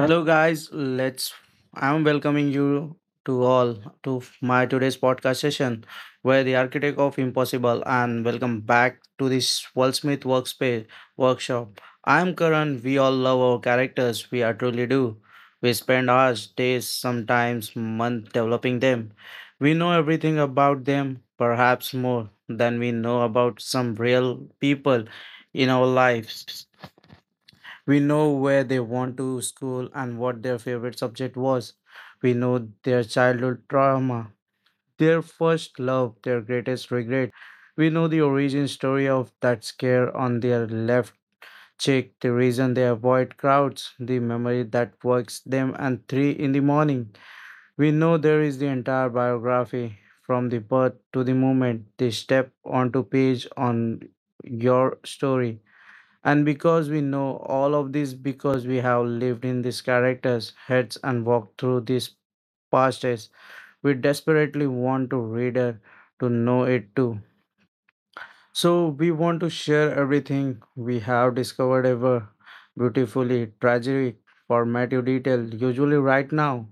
hello guys, let's I'm welcoming you to all to my today's podcast session where the architect of impossible, and welcome back to this Will Smith workspace workshop. I'm Karan. We all love our characters, we are truly do. We spend hours, days, sometimes months developing them. We know everything about them, perhaps more than we know about some real people in our lives. We know where they went to school and what their favorite subject was. We know their childhood trauma, their first love, their greatest regret. We know the origin story of that scare on their left cheek, the reason they avoid crowds, the memory that wakes them at 3 in the morning. We know there is the entire biography from the birth to the moment they step onto page on your story, and because we know all of this, because we have lived in these characters' heads and walked through these pasts, we desperately want to read it, to know it too. So we want to share everything we have discovered, ever beautifully, tragic, formative detail, usually right now.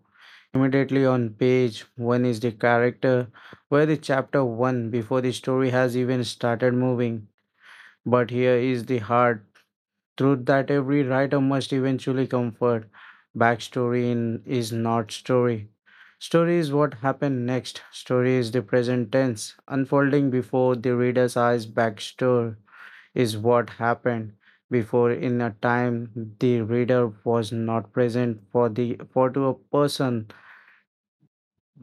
Immediately on page one is the character, where the chapter one before the story has even started moving. But here is the heart truth that every writer must eventually comfort. Backstory is not story. Story is what happened next. Story is the present tense, unfolding before the reader's eyes. Backstory is what happened before, in a time the reader was not present for, the for to a person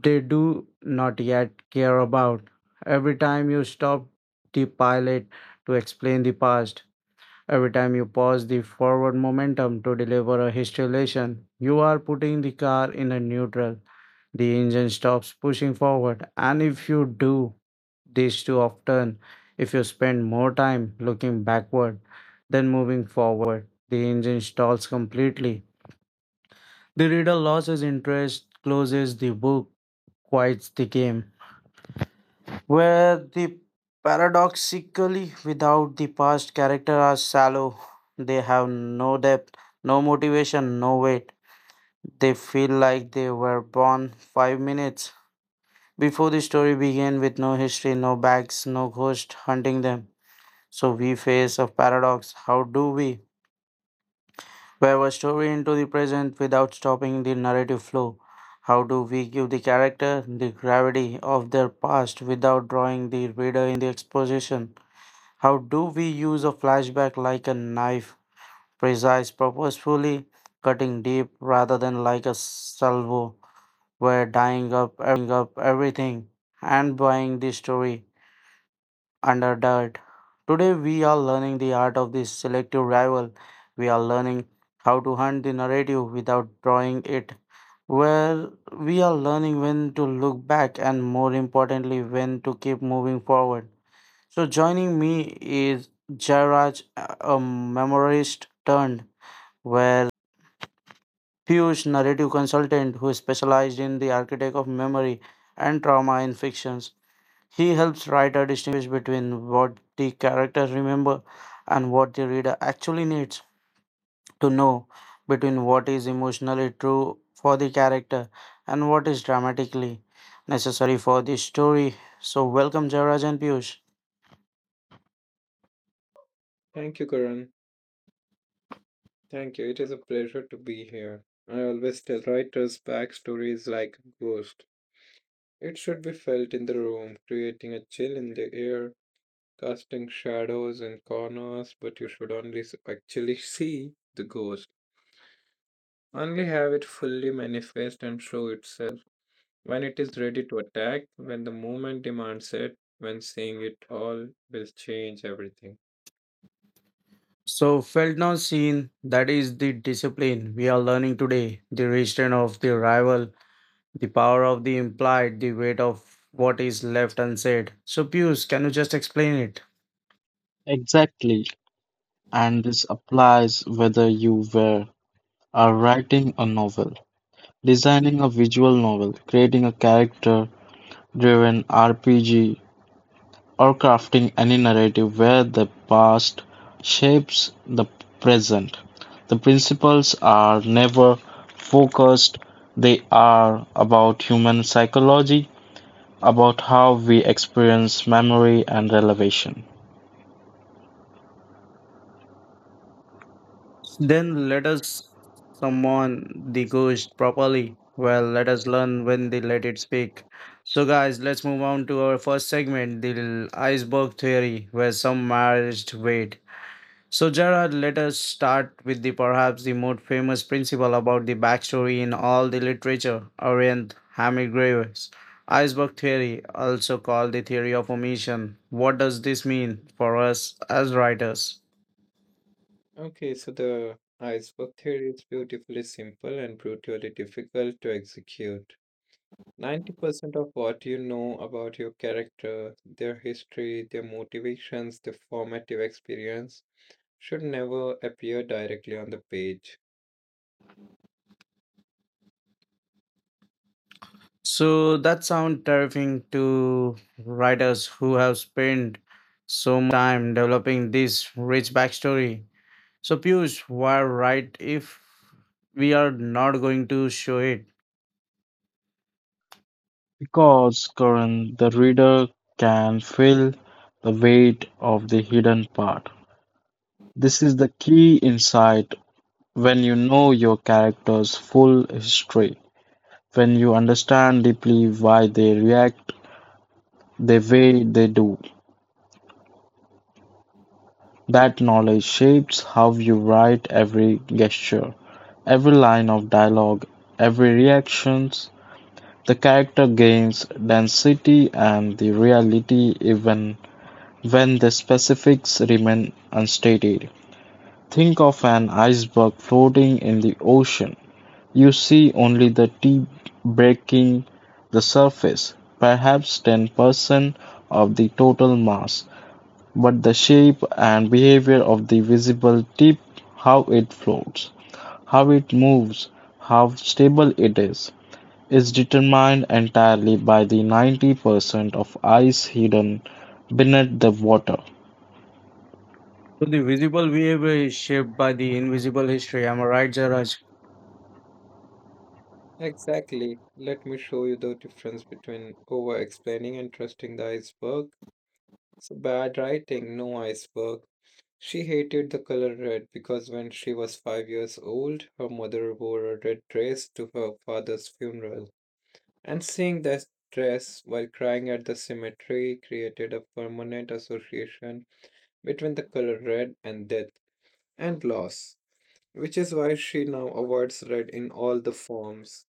they do not yet care about. Every time you stop the pilot to explain the past, every time you pause the forward momentum to deliver a history, you are putting the car in a neutral. The engine stops pushing forward, and if you do this too often, if you spend more time looking backward than moving forward, the engine stalls completely. The reader loses interest, closes the book, quits the game. Where the paradoxically without the past, character are shallow, they have no depth, no motivation, no weight. They feel like they were born 5 minutes before the story began, with no history, no bags, no ghost hunting them. So we face a paradox. How do we weave a story into the present without stopping the narrative flow? How do we give the character the gravity of their past without drawing the reader in the exposition? How do we use a flashback like a knife, precise, purposefully cutting deep, rather than like a salvo where dying up everything and buying the story under dirt? Today we are learning the art of this selective rival. We are learning how to hunt the narrative without drawing it. Where we are learning when to look back, and more importantly, when to keep moving forward. So joining me is Jairaj, a memorist turned well Piyush, narrative consultant who specialized in the architect of memory and trauma in fictions. He helps writer distinguish between what the characters remember and what the reader actually needs to know, between what is emotionally true for the character and what is dramatically necessary for the story. So welcome Jairaj and Piyush. Thank you, Karan. Thank you. It is a pleasure to be here. I always tell writers backstories like a ghost. It should be felt in the room, creating a chill in the air, casting shadows in corners, but you should only actually see the ghost. Only have it fully manifest and show itself when it is ready to attack, when the moment demands it, when seeing it all will change everything. So, felt not seen, that is the discipline we are learning today, the restraint of the rival, the power of the implied, the weight of what is left unsaid. So, Pius, can you just explain it? Exactly, and this applies whether you were are writing a novel, designing a visual novel, creating a character-driven RPG, or crafting any narrative where the past shapes the present. The principles are never focused, they are about human psychology, about how we experience memory and relevation. Then let us summon the ghost properly. Well, let us learn when they let it speak. So guys, let's move on to our first segment, the iceberg theory, where some marriage wait. So Gerard, let us start with the perhaps the most famous principle about the backstory in all the literature, Orient Hemingway's iceberg theory, also called the theory of omission. What does this mean for us as writers? Okay, so the iceberg theory is beautifully simple and brutally difficult to execute. 90% of what you know about your character, their history, their motivations, their formative experience should never appear directly on the page. So that sounds terrifying to writers who have spent so much time developing this rich backstory. So Piyush, why write if we are not going to show it? Because, Karan, the reader can feel the weight of the hidden part. This is the key insight when you know your character's full history, when you understand deeply why they react the way they do. That knowledge shapes how you write every gesture, every line of dialogue, every reaction. The character gains density and the reality even when the specifics remain unstated. Think of an iceberg floating in the ocean. You see only the tip breaking the surface, perhaps 10% of the total mass, but the shape and behavior of the visible tip, how it floats, how it moves, how stable it is determined entirely by the 90% of ice hidden beneath the water. So the visible behavior is shaped by the invisible history. Am I right, Jairaj? Exactly. Let me show you the difference between over explaining and trusting the iceberg. So, bad writing, no iceberg. She hated the color red because when she was 5 years old, her mother wore a red dress to her father's funeral, and seeing that dress while crying at the cemetery created a permanent association between the color red and death and loss, which is why she now avoids red in all the forms.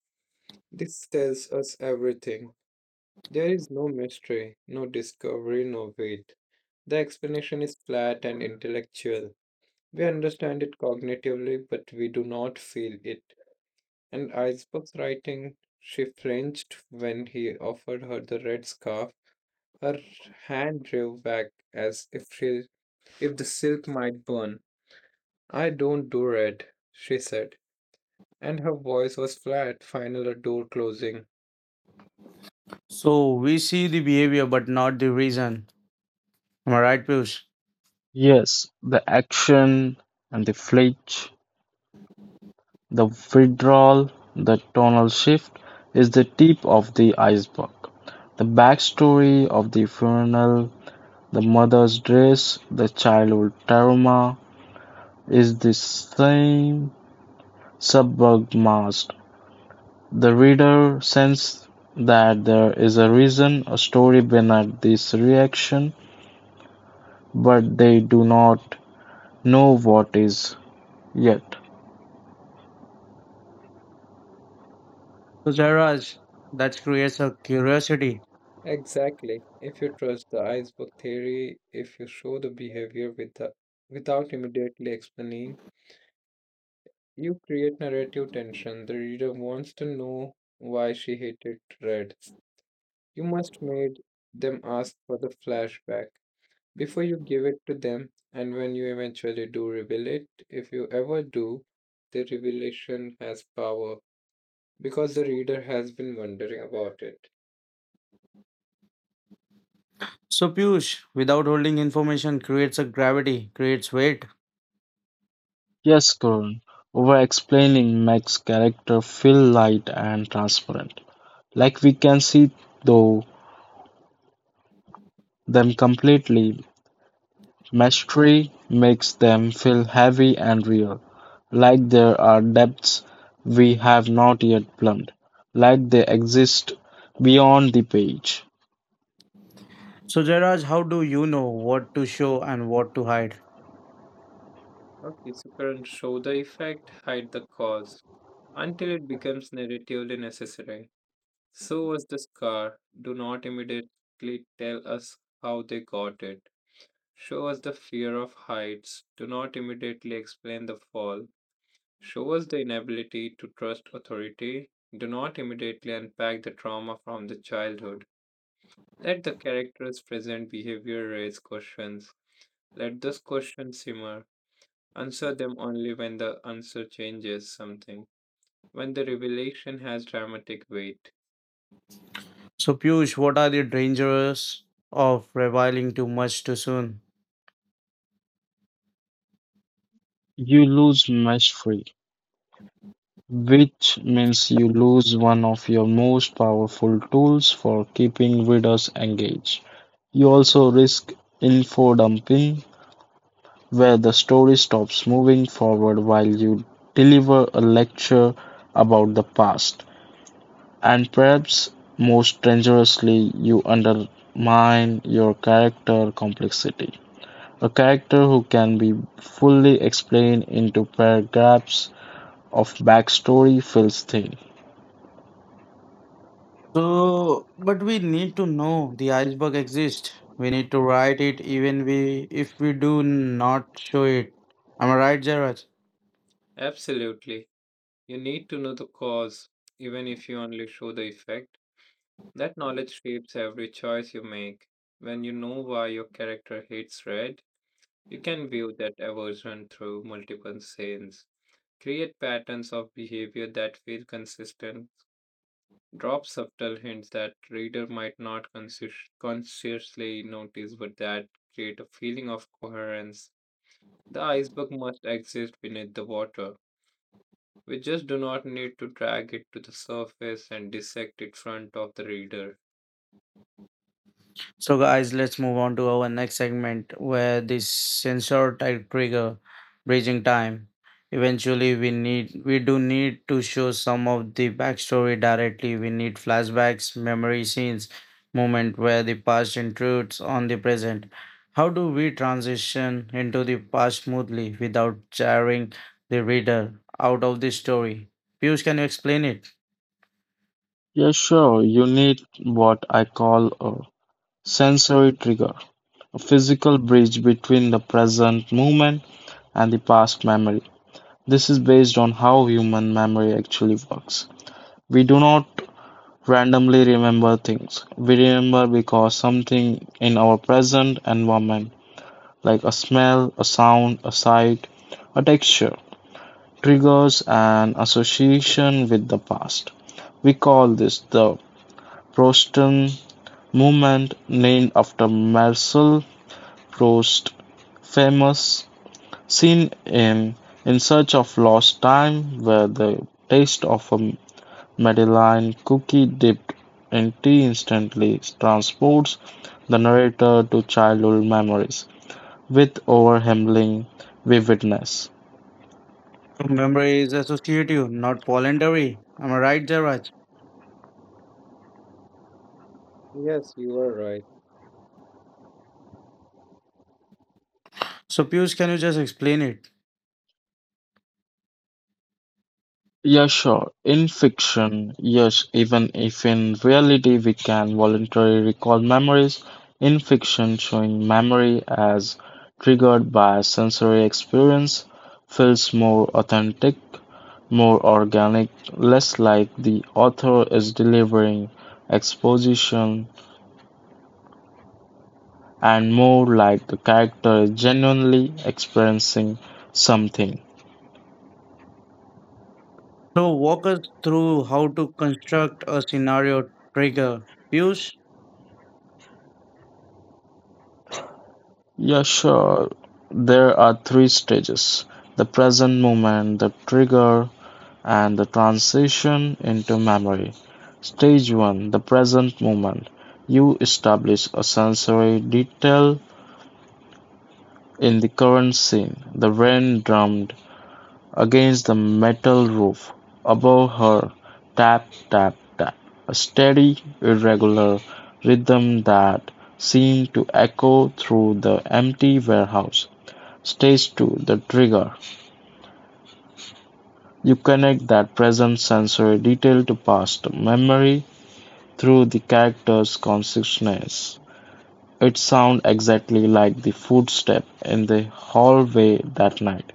This tells us everything. There is no mystery, no discovery, no wait. The explanation is flat and intellectual. We understand it cognitively, but we do not feel it. And icebox writing, she flinched when he offered her the red scarf. Her hand drew back as if the silk might burn. "I don't do red," she said, and her voice was flat, final, a door closing. So we see the behavior but not the reason. Am I right, Piyush? Yes, the action and the flinch, the withdrawal, the tonal shift is the tip of the iceberg. The backstory of the funeral, the mother's dress, the childhood trauma is the same subject mask. The reader senses that there is a reason, a story behind this reaction, but they do not know what is yet. So Jairaj, that creates a curiosity. Exactly. If you trust the icebox theory, if you show the behavior without immediately explaining, you create narrative tension. The reader wants to know why she hated red. You must made them ask for the flashback before you give it to them, and when you eventually do reveal it, if you ever do, the revelation has power because the reader has been wondering about it. So Piyush, without holding information, creates a gravity, creates weight. Yes, Karan. Over-explaining makes character feel light and transparent, like we can see though them completely. Mystery makes them feel heavy and real, like there are depths we have not yet plumbed, like they exist beyond the page. So Jairaj, how do you know what to show and what to hide? Okay, so current show the effect, hide the cause until it becomes narratively necessary. So was the scar. Do not immediately tell us how they got it. Show us the fear of heights. Do not immediately explain the fall. Show us the inability to trust authority. Do not immediately unpack the trauma from the childhood. Let the characters present behavior raise questions. Let those questions simmer. Answer them only when the answer changes something, when the revelation has dramatic weight. So Piyush, what are the dangers of revealing too much too soon? You lose mystery, which means you lose one of your most powerful tools for keeping readers engaged. You also risk info dumping, where the story stops moving forward while you deliver a lecture about the past. And perhaps most dangerously, you undermine your character complexity. A character who can be fully explained into paragraphs of backstory feels thin. So, but we need to know the iceberg exists. We need to write it, even we if we do not show it. Am I right, Jairaj? Absolutely. You need to know the cause, even if you only show the effect. That knowledge shapes every choice you make. When you know why your character hates red, you can view that aversion through multiple scenes, create patterns of behavior that feel consistent, drop subtle hints that reader might not consciously notice, but that create a feeling of coherence. The iceberg must exist beneath the water. We just do not need to drag it to the surface and dissect it front of the reader. So guys, let's move on to our next segment where the sensor type trigger bridging time. Eventually, we do need to show some of the backstory directly. We need flashbacks, memory scenes, moment where the past intrudes on the present. How do we transition into the past smoothly without jarring the reader out of the story? Piyush, can you explain it? Yeah, sure. You need what I call a sensory trigger, a physical bridge between the present moment and the past memory. This is based on how human memory actually works. We do not randomly remember things. We remember because something in our present environment, like a smell, a sound, a sight, a texture, triggers an association with the past. We call this the Proston Movement, named after Marcel Proust's famous scene in "In Search of Lost Time," where the taste of a Madeleine cookie dipped in tea instantly transports the narrator to childhood memories with overwhelming vividness. Memory is associative, not voluntary. Am I right, Jairaj? Yes, you are right. So Piyush, can you just explain it? Yeah, sure. In fiction, yes, even if in reality we can voluntarily recall memories, in fiction, showing memory as triggered by sensory experience feels more authentic, more organic, less like the author is delivering exposition, and more like the character is genuinely experiencing something. So walk us through how to construct a scenario trigger. Piyush? Yeah, sure. There are three stages: the present moment, the trigger, and the transition into memory. Stage 1: the present moment. You establish a sensory detail in the current scene. The rain drummed against the metal roof above her, tap, tap, tap. A steady, irregular rhythm that seemed to echo through the empty warehouse. Stage two, the trigger: you connect that present sensory detail to past memory through the character's consciousness. It sounds exactly like the footstep in the hallway that night.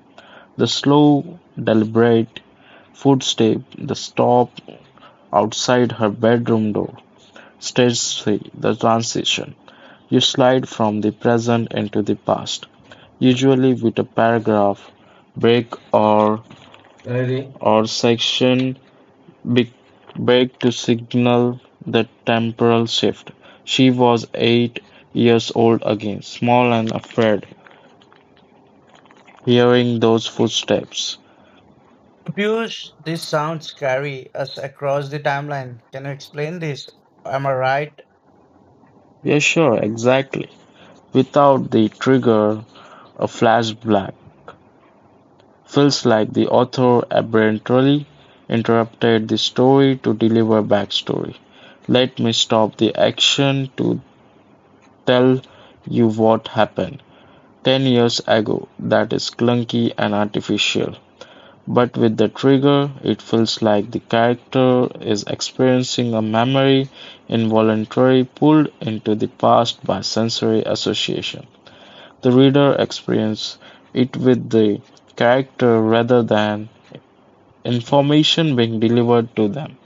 The slow, deliberate footstep, the stop outside her bedroom door. Stage 3: the transition. You slide from the present into the past, usually with a paragraph break or section be- begged to signal the temporal shift. She was 8 years old again, small and afraid, hearing those footsteps. Piyush, this sounds scary us across the timeline. Can you explain this? Am I right? Yeah, sure, exactly. Without the trigger, a flashback feels like the author abruptly interrupted the story to deliver backstory. Let me stop the action to tell you what happened 10 years ago. That is clunky and artificial. But with the trigger, it feels like the character is experiencing a memory involuntarily pulled into the past by sensory association. The reader experiences it with the character rather than information being delivered to them.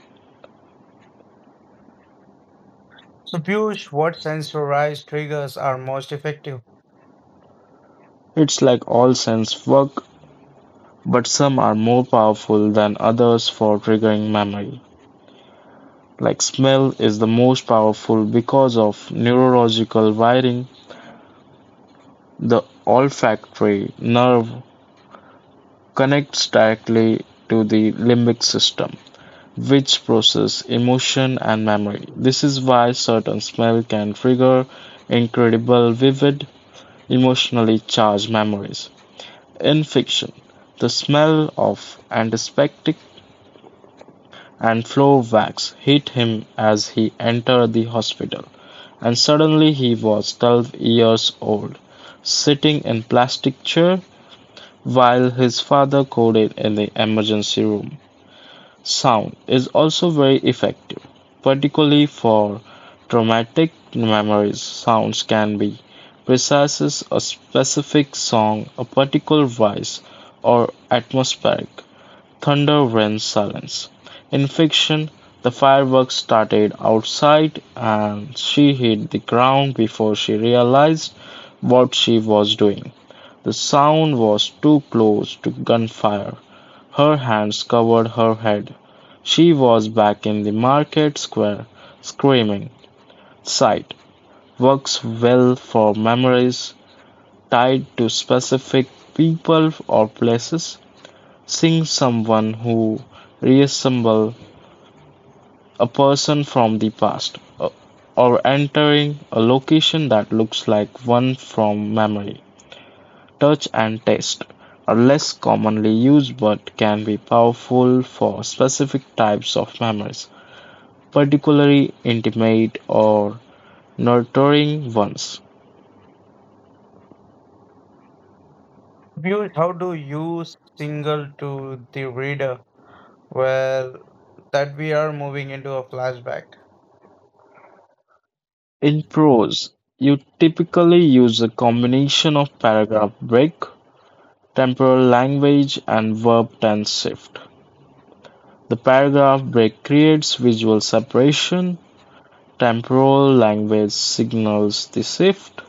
So Piyush, what sensorized triggers are most effective? It's like all sense work, but some are more powerful than others for triggering memory. Like smell is the most powerful because of neurological wiring. The olfactory nerve connects directly to the limbic system, which process emotion and memory. This is why certain smell can trigger incredible vivid emotionally charged memories. In fiction, the smell of antiseptic and Flourvax hit him as he entered the hospital, and suddenly he was 12 years old, sitting in plastic chair while his father coded in the emergency room. Sound is also very effective, particularly for traumatic memories. Sounds can be precises a specific song, a particular voice, or atmospheric. Thunder rent silence. In fiction, the fireworks started outside and she hit the ground before she realized what she was doing. The sound was too close to gunfire. Her hands covered her head. She was back in the market square, screaming. Sight works well for memories tied to specific people or places. Seeing someone who resembles a person from the past, or entering a location that looks like one from memory. Touch and taste are less commonly used but can be powerful for specific types of memories, particularly intimate or nurturing ones. Piyush, how do you signal to the reader well that we are moving into a flashback? In prose, you typically use a combination of paragraph break, temporal language, and verb tense shift. The paragraph break creates visual separation; temporal language signals the shift: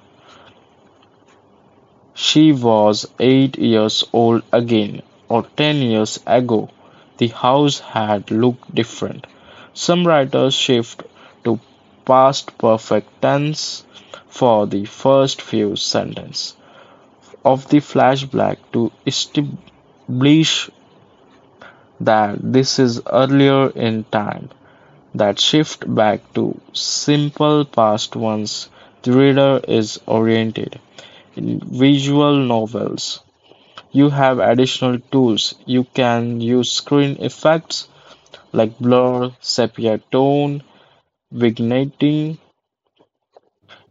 "She was 8 years old again" or "10 years ago, the house had looked different." Some writers shift to past perfect tense for the first few sentences of the flashback to establish that this is earlier in time, that shift back to simple past once the reader is oriented. In visual novels, you have additional tools. You can use screen effects like blur, sepia tone, vignetting.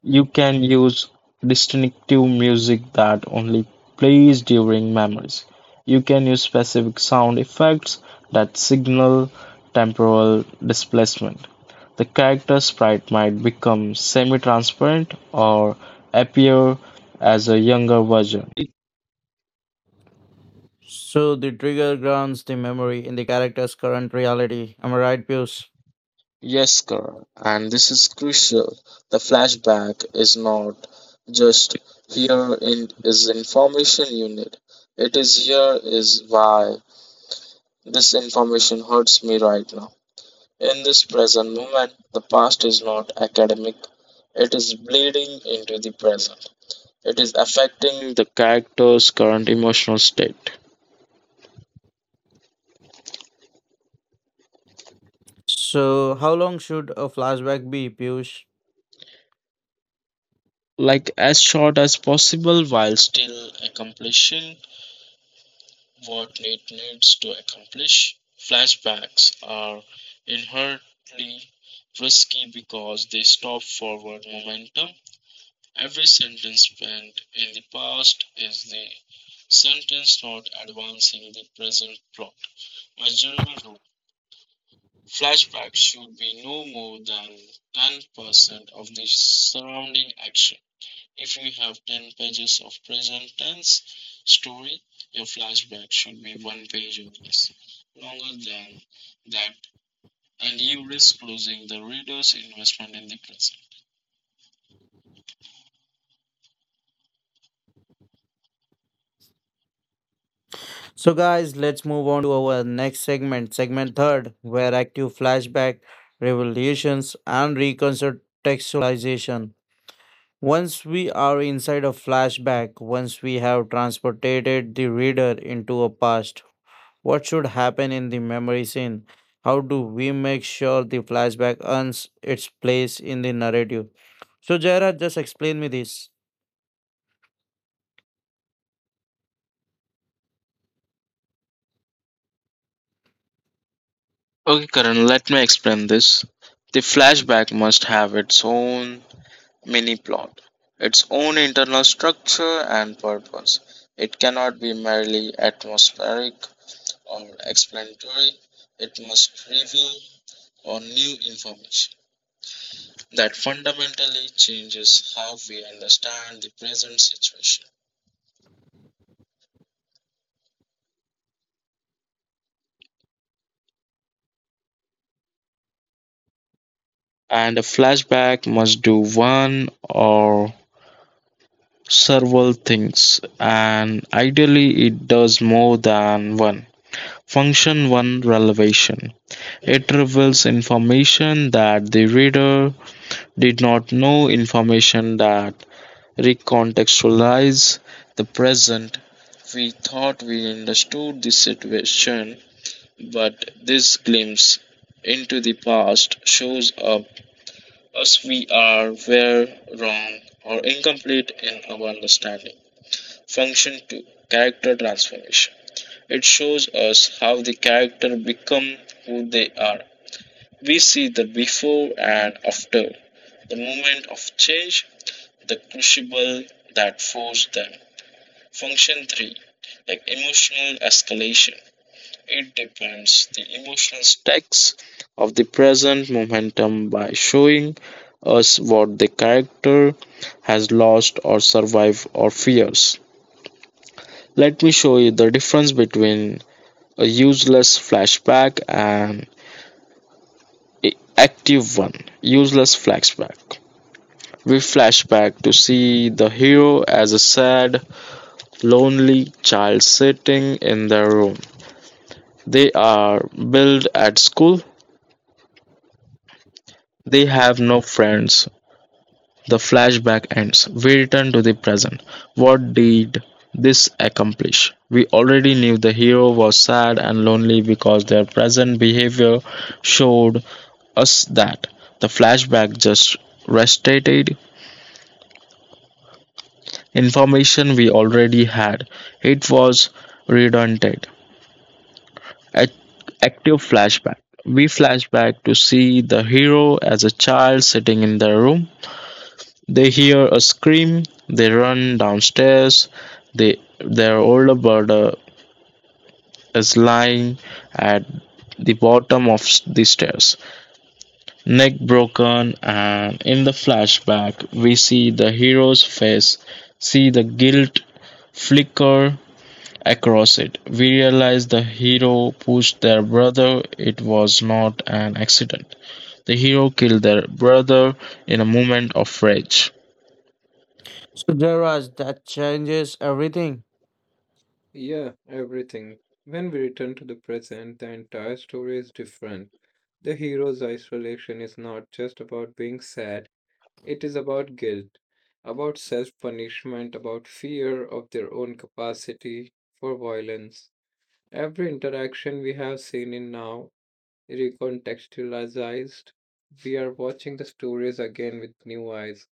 You can use distinctive music that only plays during memories. You can use specific sound effects that signal temporal displacement. The character sprite might become semi transparent or appear as a younger version. So the trigger grounds the memory in the character's current reality. Am I right, Piyush? Yes, Karan, and this is crucial. The flashback is not just here in, is information you need. It is here is why this information hurts me right now. In this present moment, the past is not academic. It is bleeding into the present. It is affecting the character's current emotional state. So how long should a flashback be, Piyush? Like as short as possible while still accomplishing what it needs to accomplish. Flashbacks are inherently risky because they stop forward momentum. Every sentence spent in the past is the sentence not advancing the present plot. My general rule: flashbacks should be no more than 10% of the surrounding action. If you have 10 pages of present tense story, your flashback should be one page or less. Longer than that, and you risk losing the reader's investment in the present. So guys, let's move on to our next segment, segment third, where active flashback, revelations, and recontextualization. Once we are inside a flashback, once we have transported the reader into a past, what should happen in the memory scene? How do we make sure the flashback earns its place in the narrative? So Jairaj, just explain me this. Okay, Karan, let me explain this. The flashback must have its own mini plot, its own internal structure and purpose. It cannot be merely atmospheric or explanatory, it must reveal or new information that fundamentally changes how we understand the present situation. And a flashback must do one or several things, and ideally, it does more than one. Function one: relevation. It reveals information that the reader did not know, information that recontextualizes the present. We thought we understood the situation, but this glimpse into the past shows up as we are were wrong or incomplete in our understanding. Function 2: character transformation. It shows us how the character become who they are. We see the before and after, the moment of change, the crucible that forced them. Function 3: like emotional escalation. It depends the emotional stakes of the present momentum by showing us what the character has lost or survived or fears. Let me show you the difference between a useless flashback and a active one. Useless flashback: we flash back to see the hero as a sad lonely child sitting in their room. They are billed at school, they have no friends. The flashback ends; we return to the present. What did this accomplish? We already knew the hero was sad and lonely because their present behavior showed us that. The flashback just restated information we already had. It was redundant. Ac- active flashback: we flash back to see the hero as a child sitting in their room. They hear a scream, they run downstairs, they, their older brother is lying at the bottom of the stairs, neck broken, and in the flashback, we see the hero's face, see the guilt flicker across it. We realize the hero pushed their brother, it was not an accident. The hero killed their brother in a moment of rage. So there are that changes everything. Yeah, everything. When we return to the present, the entire story is different. The hero's isolation is not just about being sad, it is about guilt, about self punishment, about fear of their own capacity for violence. Every interaction we have seen in now recontextualized. We are watching the stories again with new eyes.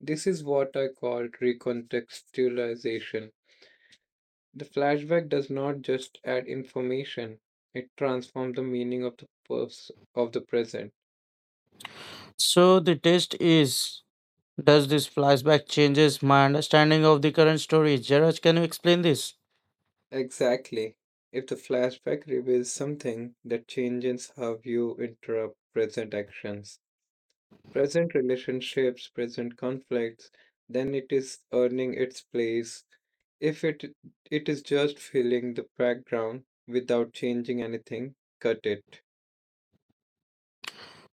This is what I call recontextualization, the flashback does not just add information, it transforms the meaning of the purpose of the present. So the test is, does this flashback changes my understanding of the current story? Jairaj, can you explain this? Exactly. If the flashback reveals something that changes how you interrupt present actions, present relationships, present conflicts, then it is earning its place. If it is just filling the background without changing anything, cut it.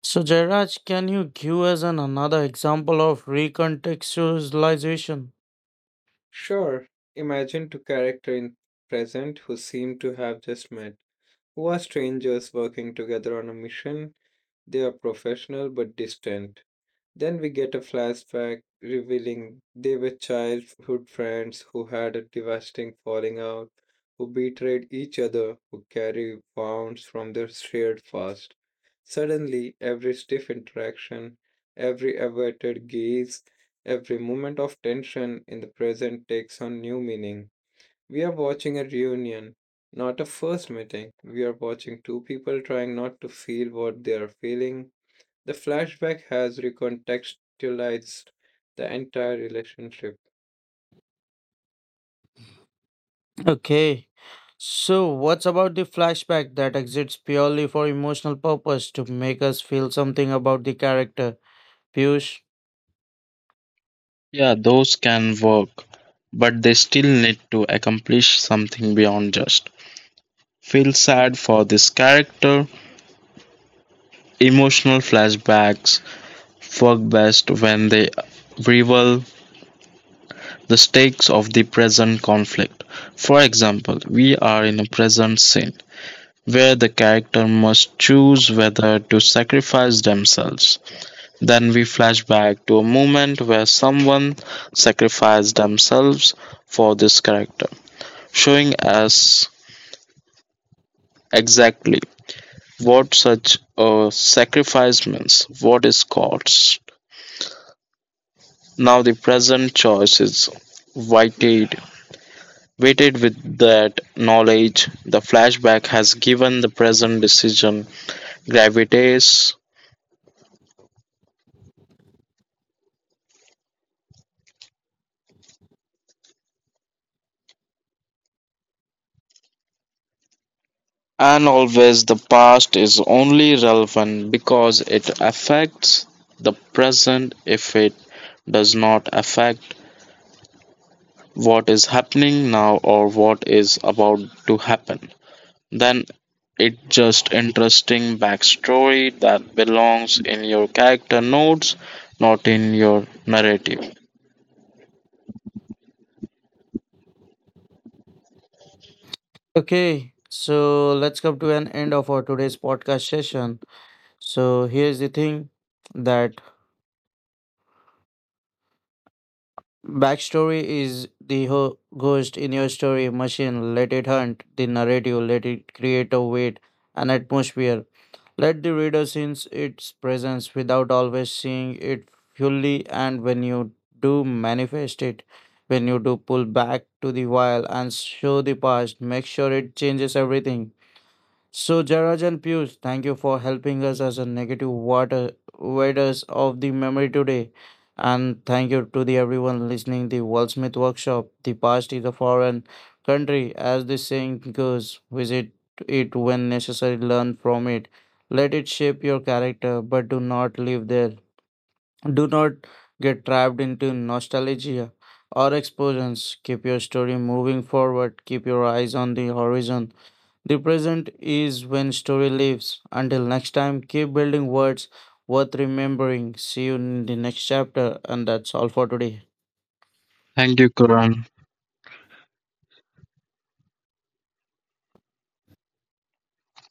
So Jairaj, can you give us an, another example of recontextualization? Sure, imagine two characters in present who seem to have just met, who are strangers working together on a mission. They are professional but distant. Then we get a flashback revealing they were childhood friends who had a devastating falling out, who betrayed each other, who carry wounds from their shared past. Suddenly, every stiff interaction, every averted gaze, every moment of tension in the present takes on new meaning. We are watching a reunion, not a first meeting. We are watching two people trying not to feel what they are feeling. The flashback has recontextualized the entire relationship. Okay. So what's about the flashback that exists purely for emotional purpose to make us feel something about the character? Piyush. Yeah, those can work, but they still need to accomplish something beyond just feel sad for this character. Emotional flashbacks work best when they reveal the stakes of the present conflict. For example, we are in a present scene where the character must choose whether to sacrifice themselves. Then we flash back to a moment where someone sacrificed themselves for this character, showing us exactly what such a sacrifice means, what is cost. Now the present choice is weighted, weighted with that knowledge. The flashback has given the present decision gravitas, and always the past is only relevant because it affects the present. If it does not affect what is happening now or what is about to happen, then it's just interesting backstory that belongs in your character notes, not in your narrative. Okay. So let's come to an end of our today's podcast session. So here's the thing, that backstory is the ghost in your story machine. Let it hunt the narrative, let it create a weight, an atmosphere. Let the reader sense its presence without always seeing it fully. And when you do manifest it, when you do pull back to the while and show the past, make sure it changes everything. So Jaraj and Piyush, thank you for helping us as a negative water waders of the memory today. And thank you to the everyone listening the Wordsmith workshop. The past is a foreign country, as the saying goes. Visit it when necessary, learn from it. Let it shape your character, but do not live there. Do not get trapped into nostalgia or explosions. Keep your story moving forward. Keep your eyes on the horizon, the present is when story lives. Until next time, keep building words worth remembering. See you in the next chapter, and that's all for today. Thank you, Karan.